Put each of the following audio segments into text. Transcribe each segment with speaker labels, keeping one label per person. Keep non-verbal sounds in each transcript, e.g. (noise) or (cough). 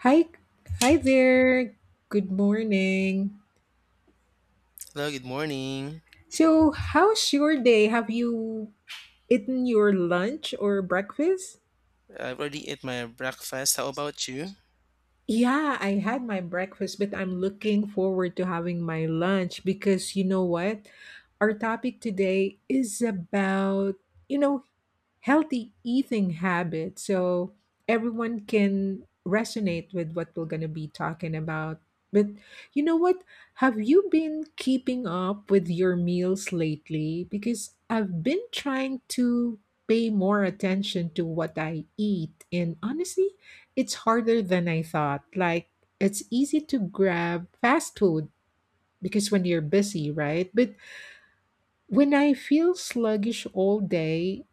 Speaker 1: Hi, hi there. Good morning.
Speaker 2: Hello, good morning.
Speaker 1: So, how's your day? Have you eaten your lunch or breakfast?
Speaker 2: I've already ate my breakfast. How about you?
Speaker 1: Yeah, I had my breakfast, but I'm looking forward to having my lunch because you know what? Our topic today is about, you know, healthy eating habit so everyone can resonate with what we're going to be talking about. But you know what, have you been keeping up with your meals lately? Because I've been trying to pay more attention to what I eat, and honestly it's harder than I thought. Like, it's easy to grab fast food because when you're busy, right? But when I feel sluggish all day,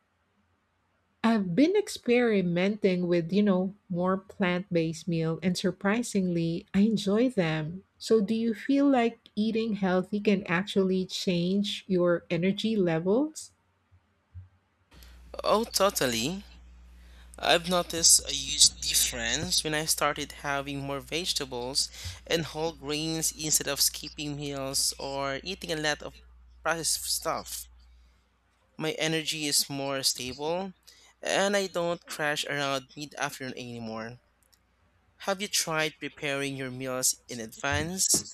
Speaker 1: I've been experimenting with, you know, more plant-based meal and surprisingly, I enjoy them. So do you feel like eating healthy can actually change your energy levels?
Speaker 2: Oh, totally. I've noticed a huge difference when I started having more vegetables and whole grains instead of skipping meals or eating a lot of processed stuff. My energy is more stable and I don't crash around mid afternoon anymore. Have you tried preparing your meals in advance?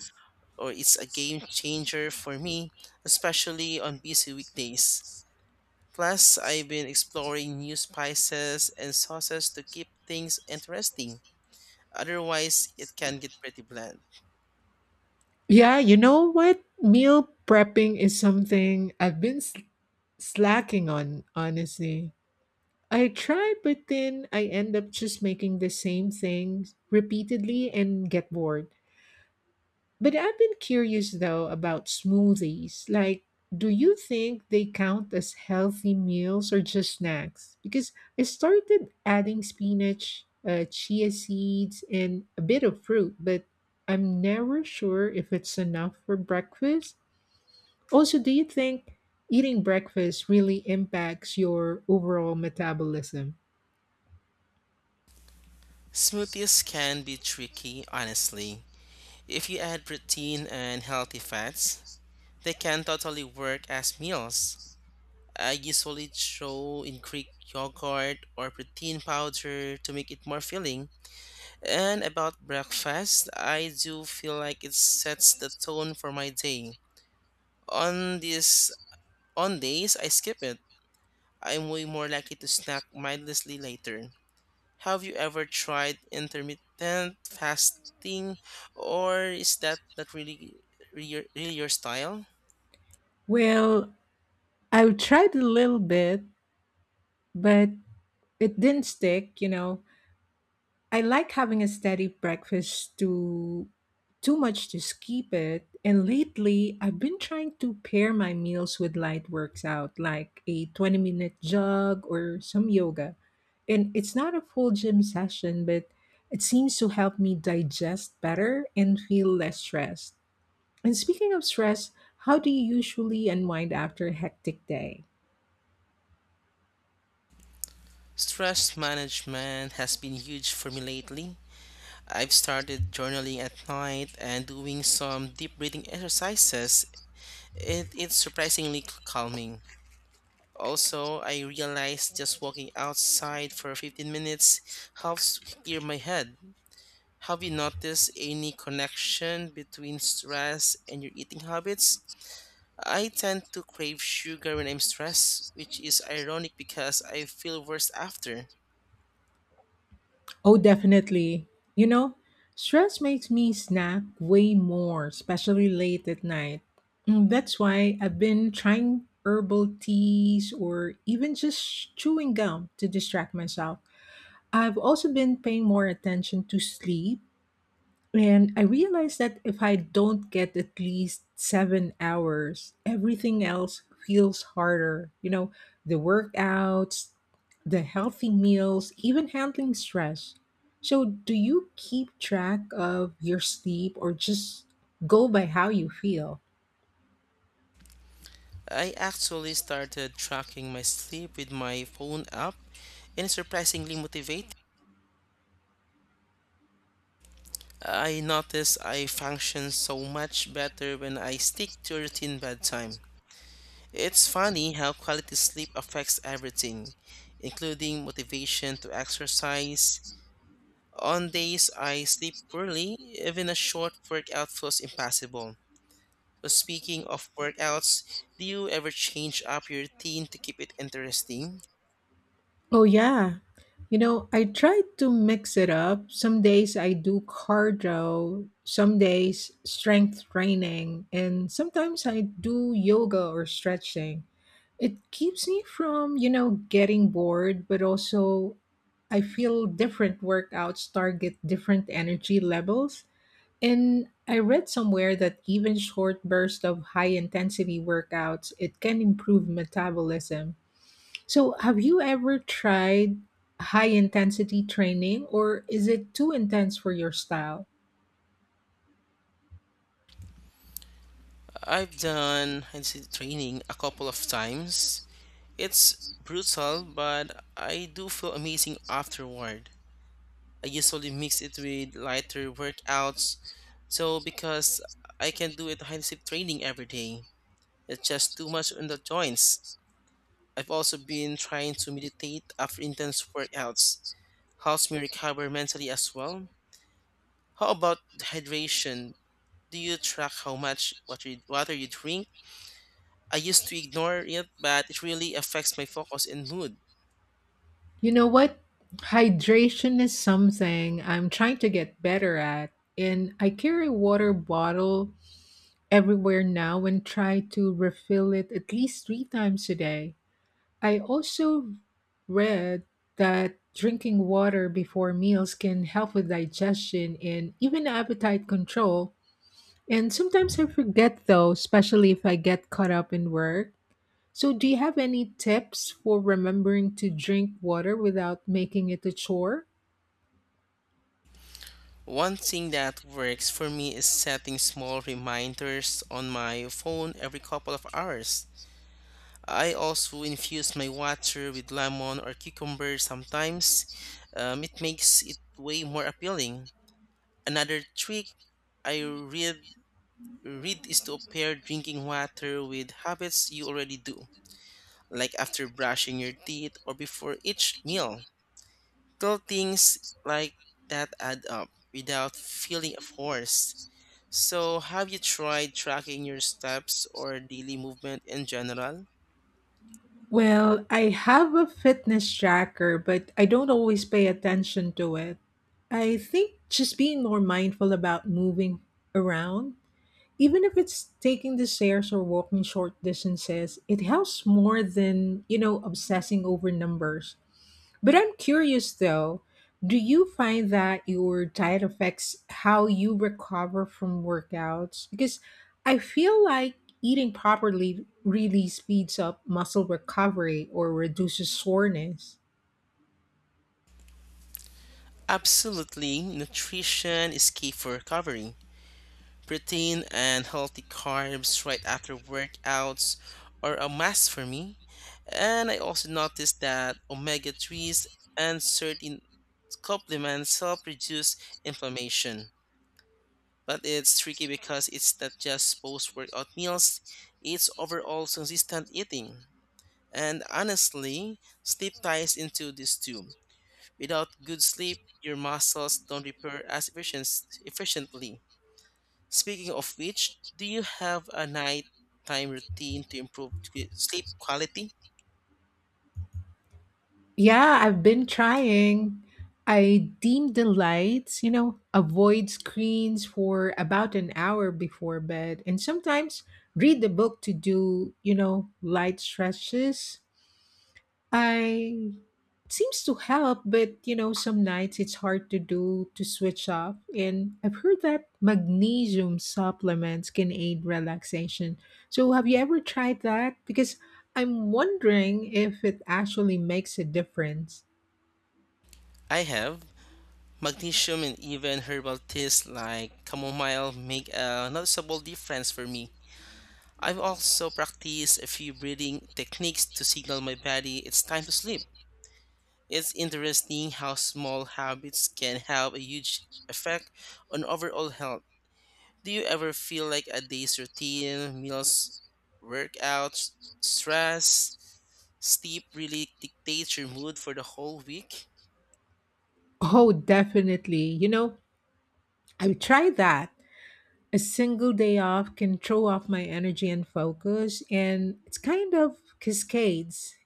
Speaker 2: Or it's a game changer for me, especially on busy weekdays. Plus, I've been exploring new spices and sauces to keep things interesting. Otherwise, it can get pretty bland.
Speaker 1: Yeah, you know what? Meal prepping is something I've been slacking on, honestly. I try, but then I end up just making the same things repeatedly and get bored. But I've been curious though about smoothies. Like, do you think they count as healthy meals or just snacks? Because I started adding spinach, chia seeds, and a bit of fruit, but I'm never sure if it's enough for breakfast. Also, do you think eating breakfast really impacts your overall metabolism?
Speaker 2: Smoothies can be tricky, honestly. If you add protein and healthy fats, they can totally work as meals. I usually throw in Greek yogurt or protein powder to make it more filling. And about breakfast, I do feel like it sets the tone for my day. On this On days I skip it, I'm way more likely to snack mindlessly later. Have you ever tried intermittent fasting, or is that not really, really, really your style?
Speaker 1: Well, I've tried a little bit, but it didn't stick. You know, I like having a steady breakfast to too much to skip it. And lately, I've been trying to pair my meals with light works out, like a 20-minute minute jog or some yoga. And it's not a full gym session, but it seems to help me digest better and feel less stressed. And speaking of stress, how do you usually unwind after a hectic day?
Speaker 2: Stress management has been huge for me lately. I've started journaling at night and doing some deep breathing exercises. It's surprisingly calming. Also, I realized just walking outside for 15 minutes helps clear my head. Have you noticed any connection between stress and your eating habits? I tend to crave sugar when I'm stressed, which is ironic because I feel worse after.
Speaker 1: Oh, definitely. You know, stress makes me snack way more, especially late at night. That's why I've been trying herbal teas or even just chewing gum to distract myself. I've also been paying more attention to sleep, and I realized that if I don't get at least 7 hours, everything else feels harder. You know, the workouts, the healthy meals, even handling stress. So, do you keep track of your sleep or just go by how you feel?
Speaker 2: I actually started tracking my sleep with my phone app and it's surprisingly motivating. I notice I function so much better when I stick to a routine bedtime. It's funny how quality sleep affects everything, including motivation to exercise. On days I sleep poorly, even a short workout feels impossible. So, speaking of workouts, do you ever change up your routine to keep it interesting?
Speaker 1: Oh, yeah. You know, I try to mix it up. Some days I do cardio, some days strength training, and sometimes I do yoga or stretching. It keeps me from, you know, getting bored, but also I feel different workouts target different energy levels. And I read somewhere that even short bursts of high intensity workouts, it can improve metabolism. So, have you ever tried high intensity training or is it too intense for your style?
Speaker 2: I've done handstand training a couple of times. It's brutal, but I do feel amazing afterward. I usually mix it with lighter workouts, so because I can do it high training every day. It's just too much on the joints. I've also been trying to meditate after intense workouts. Helps me recover mentally as well. How about hydration? Do you track how much water you drink? I used to ignore it, but it really affects my focus and mood.
Speaker 1: You know what? Hydration is something I'm trying to get better at, and I carry a water bottle everywhere now and try to refill it at least 3 times a day. I also read that drinking water before meals can help with digestion and even appetite control. And sometimes I forget though, especially if I get caught up in work. So, do you have any tips for remembering to drink water without making it a chore?
Speaker 2: One thing that works for me is setting small reminders on my phone every couple of hours. I also infuse my water with lemon or cucumber sometimes. It makes it way more appealing. Another trick I read is to pair drinking water with habits you already do, like after brushing your teeth or before each meal. Little things like that add up without feeling forced. So, have you tried tracking your steps or daily movement in general?
Speaker 1: Well, I have a fitness tracker, but I don't always pay attention to it. I think just being more mindful about moving around, even if it's taking the stairs or walking short distances, it helps more than, you know, obsessing over numbers. But I'm curious though, do you find that your diet affects how you recover from workouts? Because I feel like eating properly really speeds up muscle recovery or reduces soreness.
Speaker 2: Absolutely, nutrition is key for recovery. Protein and healthy carbs right after workouts are a must for me. And I also noticed that omega 3s and certain supplements help reduce inflammation. But it's tricky because it's not just post workout meals, it's overall consistent eating. And honestly, sleep ties into this too. Without good sleep, your muscles don't repair as efficiently. Speaking of which, do you have a nighttime routine to improve sleep quality?
Speaker 1: Yeah, I've been trying. I dim the lights, you know, avoid screens for about an hour before bed, and sometimes read the book to do, you know, light stretches. I seems to help, but you know, some nights it's hard to do to switch off. And I've heard that magnesium supplements can aid relaxation. So have you ever tried that? Because I'm wondering if it actually makes a difference.
Speaker 2: I have. Magnesium and even herbal teas like chamomile make a noticeable difference for me. I've also practiced a few breathing techniques to signal my body it's time to sleep. It's interesting how small habits can have a huge effect on overall health. Do you ever feel like a day's routine, meals, workouts, stress, sleep really dictates your mood for the whole week?
Speaker 1: Oh, definitely. You know, I've tried that. A single day off can throw off my energy and focus, and it's kind of cascades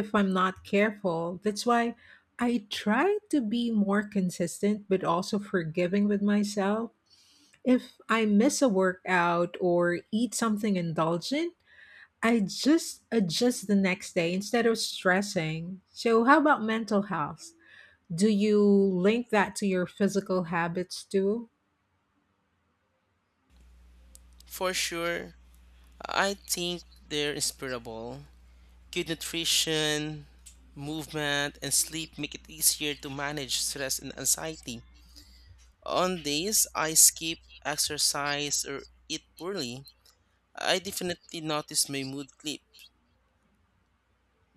Speaker 1: if I'm not careful. That's why I try to be more consistent, but also forgiving with myself. If I miss a workout or eat something indulgent, I just adjust the next day instead of stressing. So how about mental health, do you link that to your physical habits too?
Speaker 2: For sure, I think they're inspirable. Good nutrition, movement, and sleep make it easier to manage stress and anxiety. On days I skip exercise or eat poorly, I definitely notice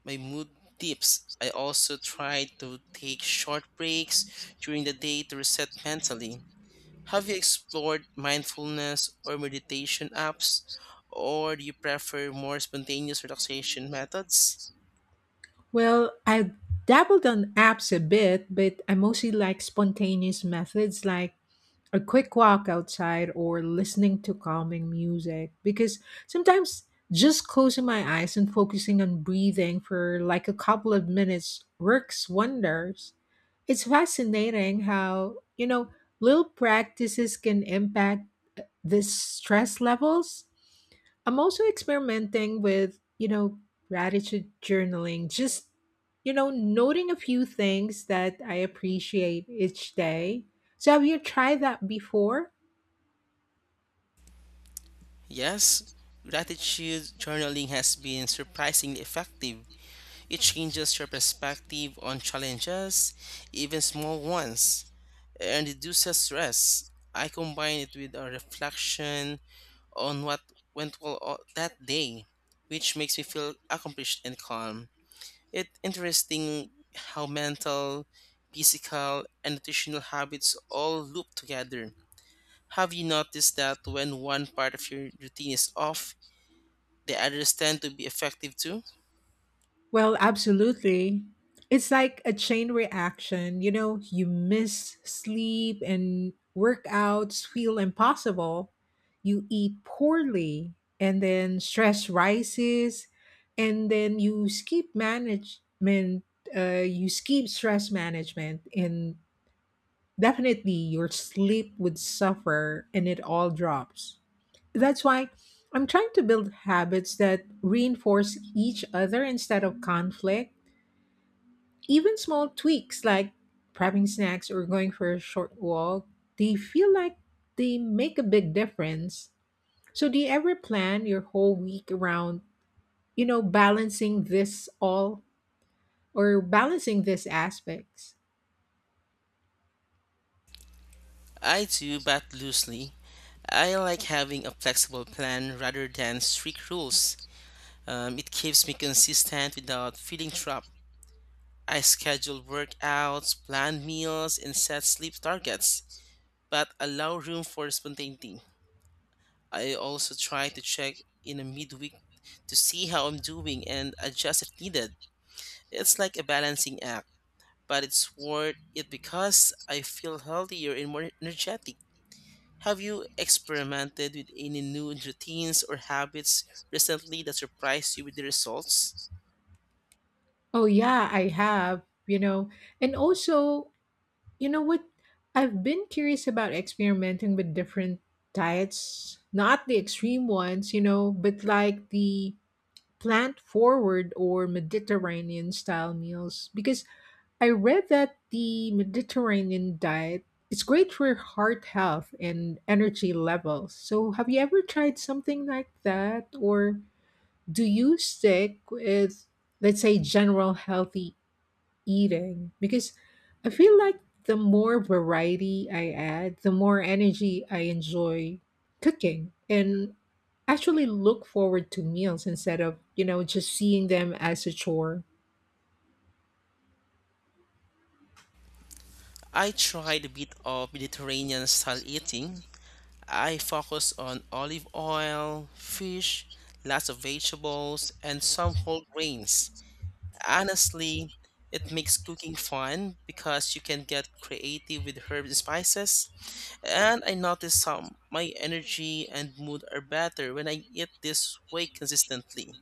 Speaker 2: my mood dips. I also try to take short breaks during the day to reset mentally. Have you explored mindfulness or meditation apps, or do you prefer more spontaneous relaxation methods?
Speaker 1: Well, I dabbled on apps a bit, but I mostly like spontaneous methods like a quick walk outside or listening to calming music, because sometimes just closing my eyes and focusing on breathing for like a couple of minutes works wonders. It's fascinating how, you know, little practices can impact the stress levels. I'm also experimenting with, you know, gratitude journaling, just, you know, noting a few things that I appreciate each day. So have you tried that before?
Speaker 2: Yes, gratitude journaling has been surprisingly effective. It changes your perspective on challenges, even small ones, and reduces stress. I combine it with a reflection on what went that day, which makes me feel accomplished and calm. It's interesting how mental, physical, and nutritional habits all loop together. Have you noticed that when one part of your routine is off, the others tend to be effective too?
Speaker 1: Well, absolutely. It's like a chain reaction. You know, you miss sleep and workouts feel impossible. You eat poorly, and then stress rises, and then you skip management. You skip stress management, and definitely your sleep would suffer, and it all drops. That's why I'm trying to build habits that reinforce each other instead of conflict. Even small tweaks like prepping snacks or going for a short walk, they feel like they make a big difference. So do you ever plan your whole week around, you know, balancing this all or balancing these aspects?
Speaker 2: I do, but loosely. I like having a flexible plan rather than strict rules. It keeps me consistent without feeling trapped. I schedule workouts, plan meals, and set sleep targets, but allow room for spontaneity. I also try to check in a midweek to see how I'm doing and adjust if needed. It's like a balancing act, but it's worth it because I feel healthier and more energetic. Have you experimented with any new routines or habits recently that surprised you with the results?
Speaker 1: Oh yeah, I have, you know. And also, you know what? I've been curious about experimenting with different diets, not the extreme ones, you know, but like the plant forward or Mediterranean style meals because I read that the Mediterranean diet is great for heart health and energy levels. So have you ever tried something like that, or do you stick with, let's say, general healthy eating? Because I feel like the more variety I add, the more energy I enjoy cooking and actually look forward to meals instead of, you know, just seeing them as a chore.
Speaker 2: I tried a bit of Mediterranean style eating. I focus on olive oil, fish, lots of vegetables, and some whole grains. Honestly, it makes cooking fun because you can get creative with herbs and spices. And I notice how my energy and mood are better when I eat this way consistently.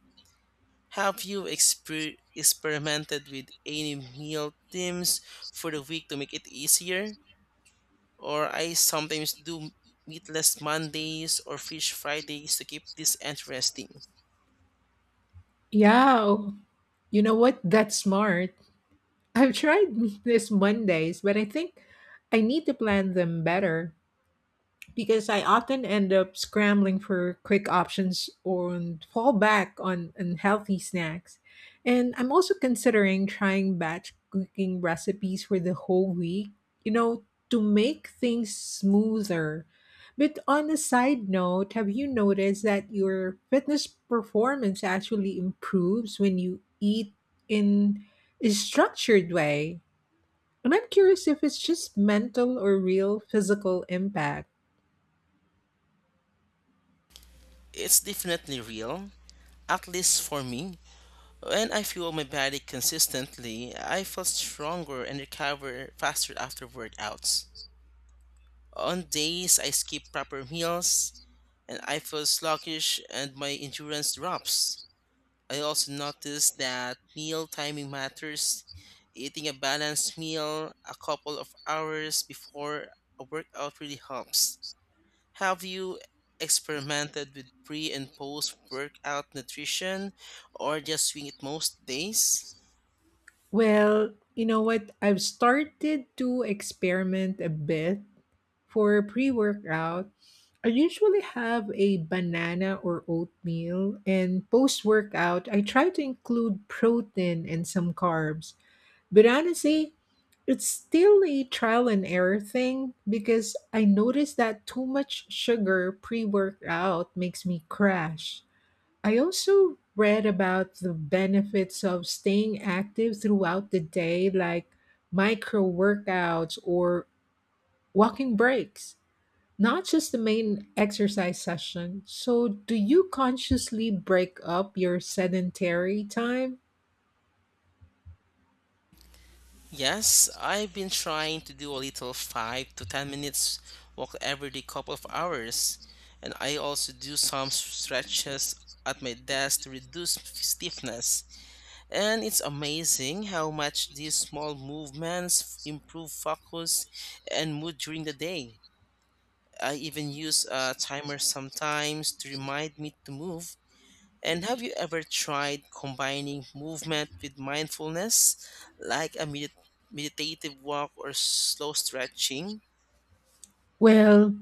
Speaker 2: Have you experimented with any meal themes for the week to make it easier? Or I sometimes do meatless Mondays or fish Fridays to keep this interesting.
Speaker 1: Yeah, oh, you know what? That's smart. I've tried (laughs) this Mondays, but I think I need to plan them better because I often end up scrambling for quick options or fall back on unhealthy snacks. And I'm also considering trying batch cooking recipes for the whole week, you know, to make things smoother. But on a side note, have you noticed that your fitness performance actually improves when you eat in a structured way? And I'm curious if it's just mental or real physical impact.
Speaker 2: It's definitely real, at least for me. When I fuel my body consistently, I feel stronger and recover faster after workouts. On days I skip proper meals and I feel sluggish and my endurance drops. I also noticed that meal timing matters. Eating a balanced meal a couple of hours before a workout really helps. Have you experimented with pre and post workout nutrition or just swing it most days?
Speaker 1: Well, you know what? I've started to experiment a bit for pre workout. I usually have a banana or oatmeal, and post workout, I try to include protein and some carbs. But honestly, it's still a trial and error thing because I noticed that too much sugar pre workout makes me crash. I also read about the benefits of staying active throughout the day, like micro workouts or walking breaks, not just the main exercise session. So, do you consciously break up your sedentary time?
Speaker 2: Yes, I've been trying to do a little 5 to 10 minutes walk every day couple of hours and I also do some stretches at my desk to reduce stiffness. And it's amazing how much these small movements improve focus and mood during the day. I even use a timer sometimes to remind me to move. And have you ever tried combining movement with mindfulness, like a meditative walk or slow stretching?
Speaker 1: Well,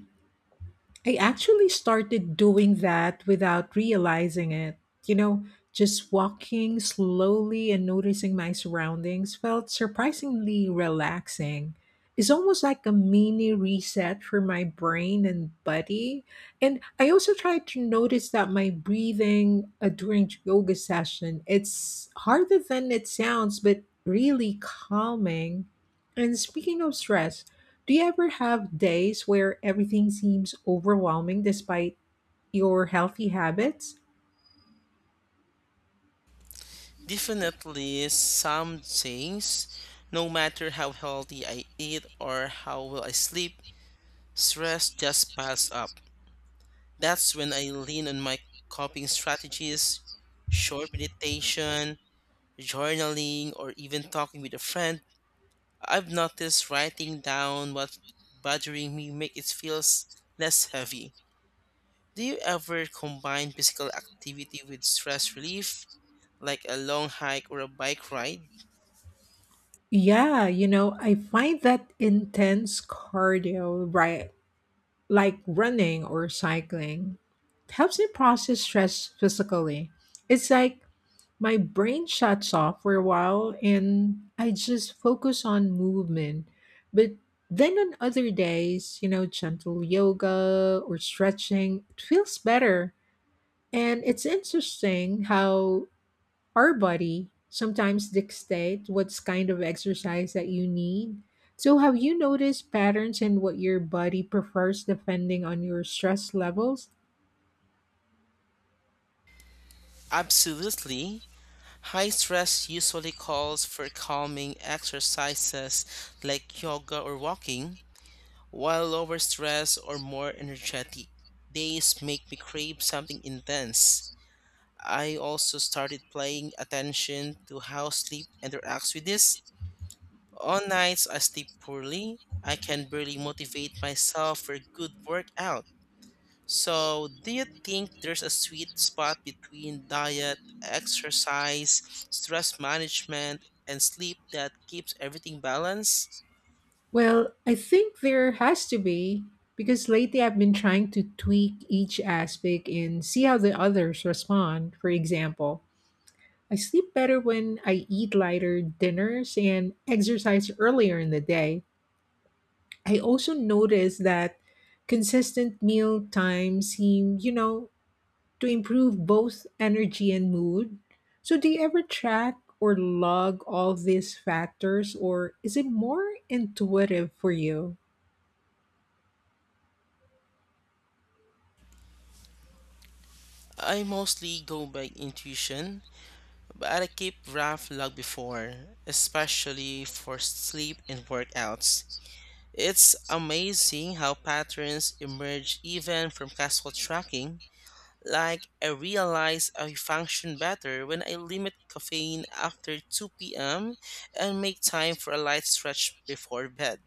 Speaker 1: I actually started doing that without realizing it. You know, just walking slowly and noticing my surroundings felt surprisingly relaxing. It's almost like a mini reset for my brain and body. And I also tried to notice that my breathing during yoga session, it's harder than it sounds, but really calming. And speaking of stress, do you ever have days where everything seems overwhelming despite your healthy habits?
Speaker 2: Definitely, some days, no matter how healthy I eat or how well I sleep, stress just piles up. That's when I lean on my coping strategies, short meditation, journaling, or even talking with a friend. I've noticed writing down what's bothering me make it feels less heavy. Do you ever combine physical activity with stress relief, like a long hike or a bike ride?
Speaker 1: Yeah, you know, I find that intense cardio, right, like running or cycling, helps me process stress physically. It's like my brain shuts off for a while and I just focus on movement. But then on other days, you know, gentle yoga or stretching, it feels better. And it's interesting how our body sometimes dictates what's kind of exercise that you need. So have you noticed patterns in what your body prefers depending on your stress levels?
Speaker 2: Absolutely. High stress usually calls for calming exercises like yoga or walking, while lower stress or more energetic days make me crave something intense. I also started paying attention to how sleep interacts with this. On nights I sleep poorly, I can barely motivate myself for a good workout. So, do you think there's a sweet spot between diet, exercise, stress management, and sleep that keeps everything balanced?
Speaker 1: Well, I think there has to be because lately I've been trying to tweak each aspect and see how the others respond. For example, I sleep better when I eat lighter dinners and exercise earlier in the day. I also noticed that consistent meal times seem, you know, to improve both energy and mood. So do you ever track or log all these factors, or is it more intuitive for you?
Speaker 2: I mostly go by intuition but I keep Raph log before, especially for sleep and workouts. It's amazing how patterns emerge even from casual tracking. Like, I realize I function better when I limit caffeine after 2 p.m. and make time for a light stretch before bed.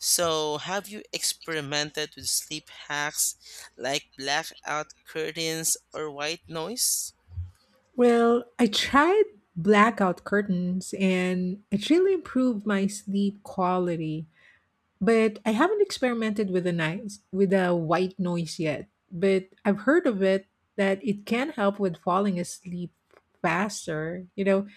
Speaker 2: So, have you experimented with sleep hacks like blackout curtains or white noise?
Speaker 1: Well, I tried blackout curtains and it really improved my sleep quality. But I haven't experimented with a nice with a white noise yet. But I've heard of it that it can help with falling asleep faster. You know,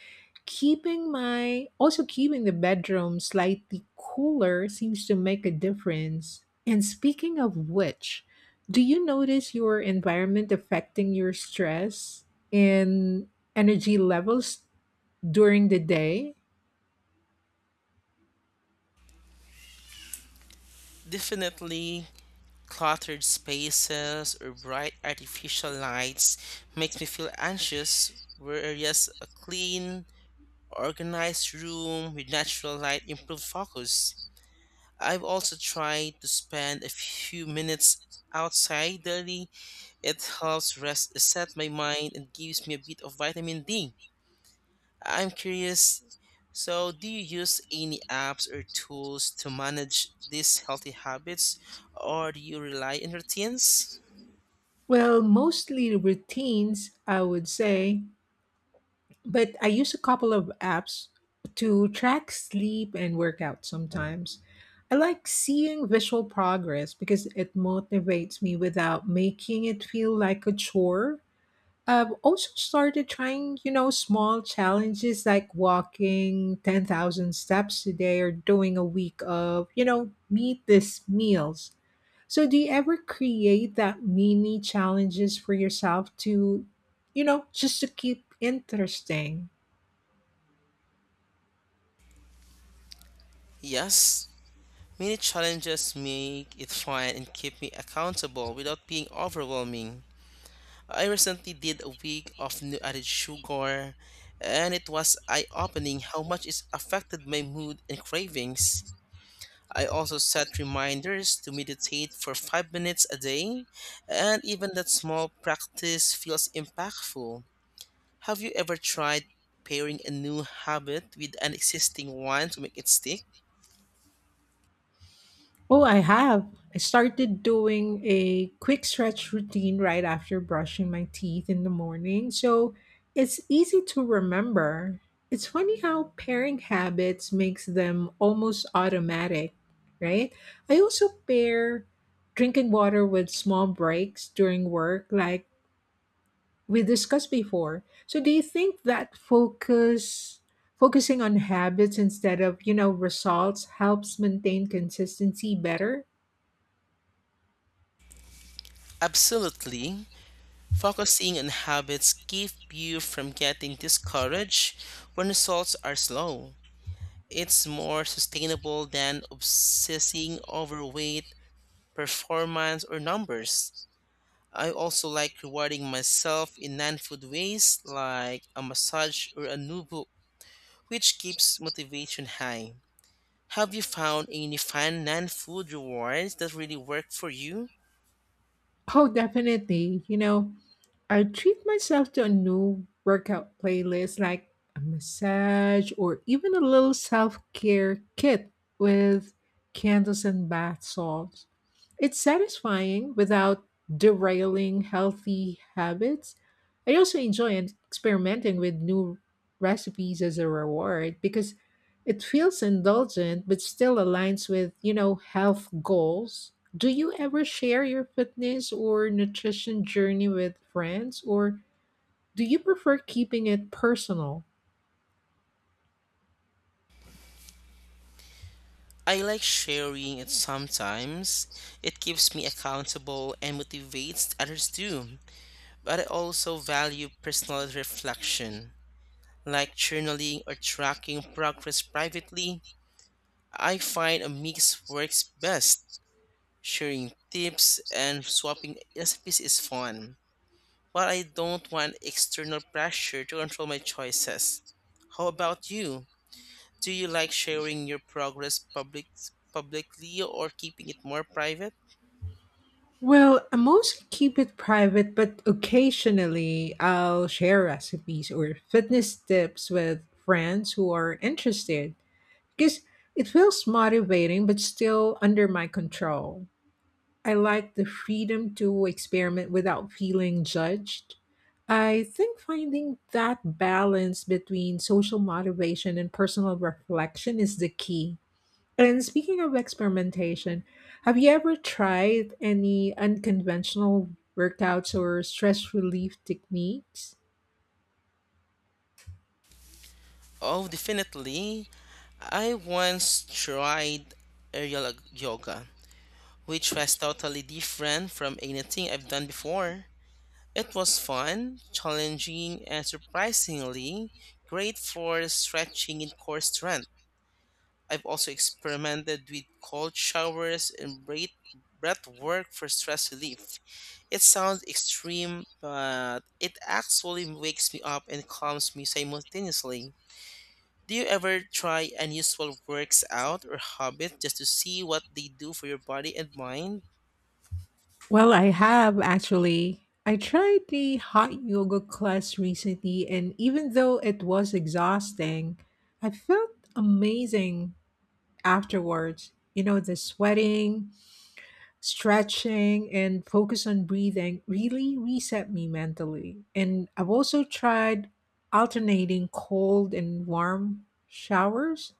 Speaker 1: keeping my also keeping the bedroom slightly cooler seems to make a difference. And speaking of which, do you notice your environment affecting your stress and energy levels during the day?
Speaker 2: Definitely, cluttered spaces or bright artificial lights makes me feel anxious, whereas a clean, organized room with natural light improves focus. I've also tried to spend a few minutes outside daily. It helps rest, reset my mind, and gives me a bit of vitamin D. I'm curious. So, do you use any apps or tools to manage these healthy habits, or do you rely on routines?
Speaker 1: Well, mostly routines, I would say, but I use a couple of apps to track sleep and workout sometimes. I like seeing visual progress because it motivates me without making it feel like a chore. I've also started trying, you know, small challenges like walking 10,000 steps a day or doing a week of, you know, meet this meals. So do you ever create that mini challenges for yourself to, you know, just to keep interesting?
Speaker 2: Yes, many challenges make it fun and keep me accountable without being overwhelming. I recently did a week of new added sugar, and it was eye opening how much it affected my mood and cravings. I also set reminders to meditate for 5 minutes a day, and even that small practice feels impactful. Have you ever tried pairing a new habit with an existing one to make it stick?
Speaker 1: Oh, I have. I started doing a quick stretch routine right after brushing my teeth in the morning, so it's easy to remember. It's funny how pairing habits makes them almost automatic, right? I also pair drinking water with small breaks during work like we discussed before. So do you think that focusing on habits instead of, you know, results helps maintain consistency better?
Speaker 2: Absolutely. Focusing on habits keep you from getting discouraged when results are slow. It's more sustainable than obsessing over weight, performance, or numbers. I also like rewarding myself in non food ways like a massage or a new book, which keeps motivation high. Have you found any fun non food rewards that really work for you?
Speaker 1: Oh, definitely. You know, I treat myself to a new workout playlist like a massage or even a little self care kit with candles and bath salts. It's satisfying without derailing healthy habits. I also enjoy experimenting with new recipes as a reward because it feels indulgent but still aligns with, you know, health goals. Do you ever share your fitness or nutrition journey with friends, or do you prefer keeping it personal?
Speaker 2: I like sharing it sometimes. It keeps me accountable and motivates others too. But I also value personal reflection, like journaling or tracking progress privately. I find a mix works best. Sharing tips and swapping recipes is fun, but I don't want external pressure to control my choices. How about you? Do you like sharing your progress publicly or keeping it more private?
Speaker 1: Well, I mostly keep it private, but occasionally I'll share recipes or fitness tips with friends who are interested because it feels motivating but still under my control. I like the freedom to experiment without feeling judged. I think finding that balance between social motivation and personal reflection is the key. And speaking of experimentation, have you ever tried any unconventional workouts or stress relief techniques?
Speaker 2: Oh, definitely. I once tried aerial yoga, which was totally different from anything I've done before. It was fun, challenging, and surprisingly great for stretching in core strength. I've also experimented with cold showers and breath work for stress relief. It sounds extreme, but it actually wakes me up and calms me simultaneously. Do you ever try unusual works out or habits just to see what they do for your body and mind?
Speaker 1: Well, I have actually. I tried the hot yoga class recently, and even though it was exhausting, I felt amazing afterwards. You know, the sweating, stretching, and focus on breathing really reset me mentally. And I've also tried alternating cold and warm showers.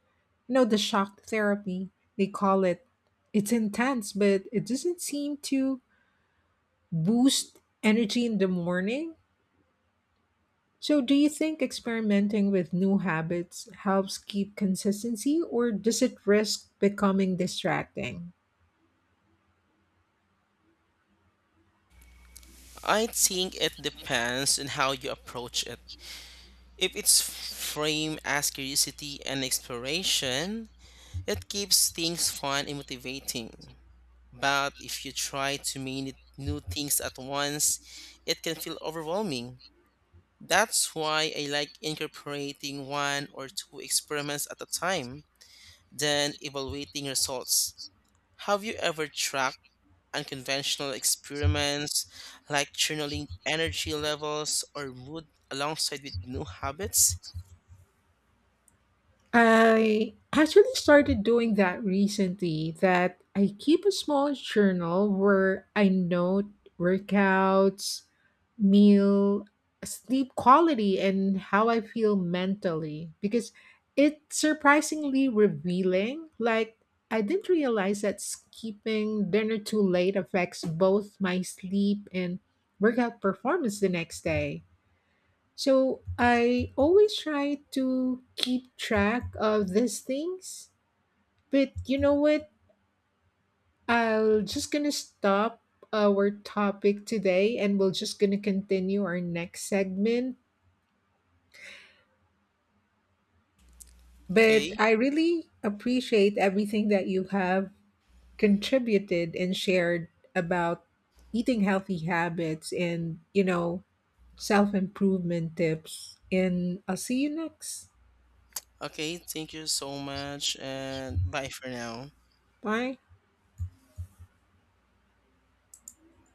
Speaker 1: You know, the shock therapy, they call it. It's intense, but it doesn't seem to boost energy in the morning. So, do you think experimenting with new habits helps keep consistency, or does it risk becoming distracting?
Speaker 2: I think it depends on how you approach it. If it's framed as curiosity and exploration, it keeps things fun and motivating. But if you try too many new things at once, it can feel overwhelming. That's why I like incorporating one or two experiments at a time, then evaluating results. Have you ever tracked unconventional experiments like journaling energy levels or mood alongside with new habits?
Speaker 1: I actually started doing that recently that I keep a small journal where I note workouts, meal, sleep quality and how I feel mentally because it's surprisingly revealing. Like, I didn't realize that skipping dinner too late affects both my sleep and workout performance the next day. So I always try to keep track of these things. But you know what? I'll just gonna stop our topic today and we'll just gonna continue our next segment. But
Speaker 2: Okay.
Speaker 1: I really appreciate everything that you have contributed and shared about eating healthy habits and, you know, self improvement tips. And I'll see you next.
Speaker 2: Okay, thank you so much and bye for now.
Speaker 1: Bye.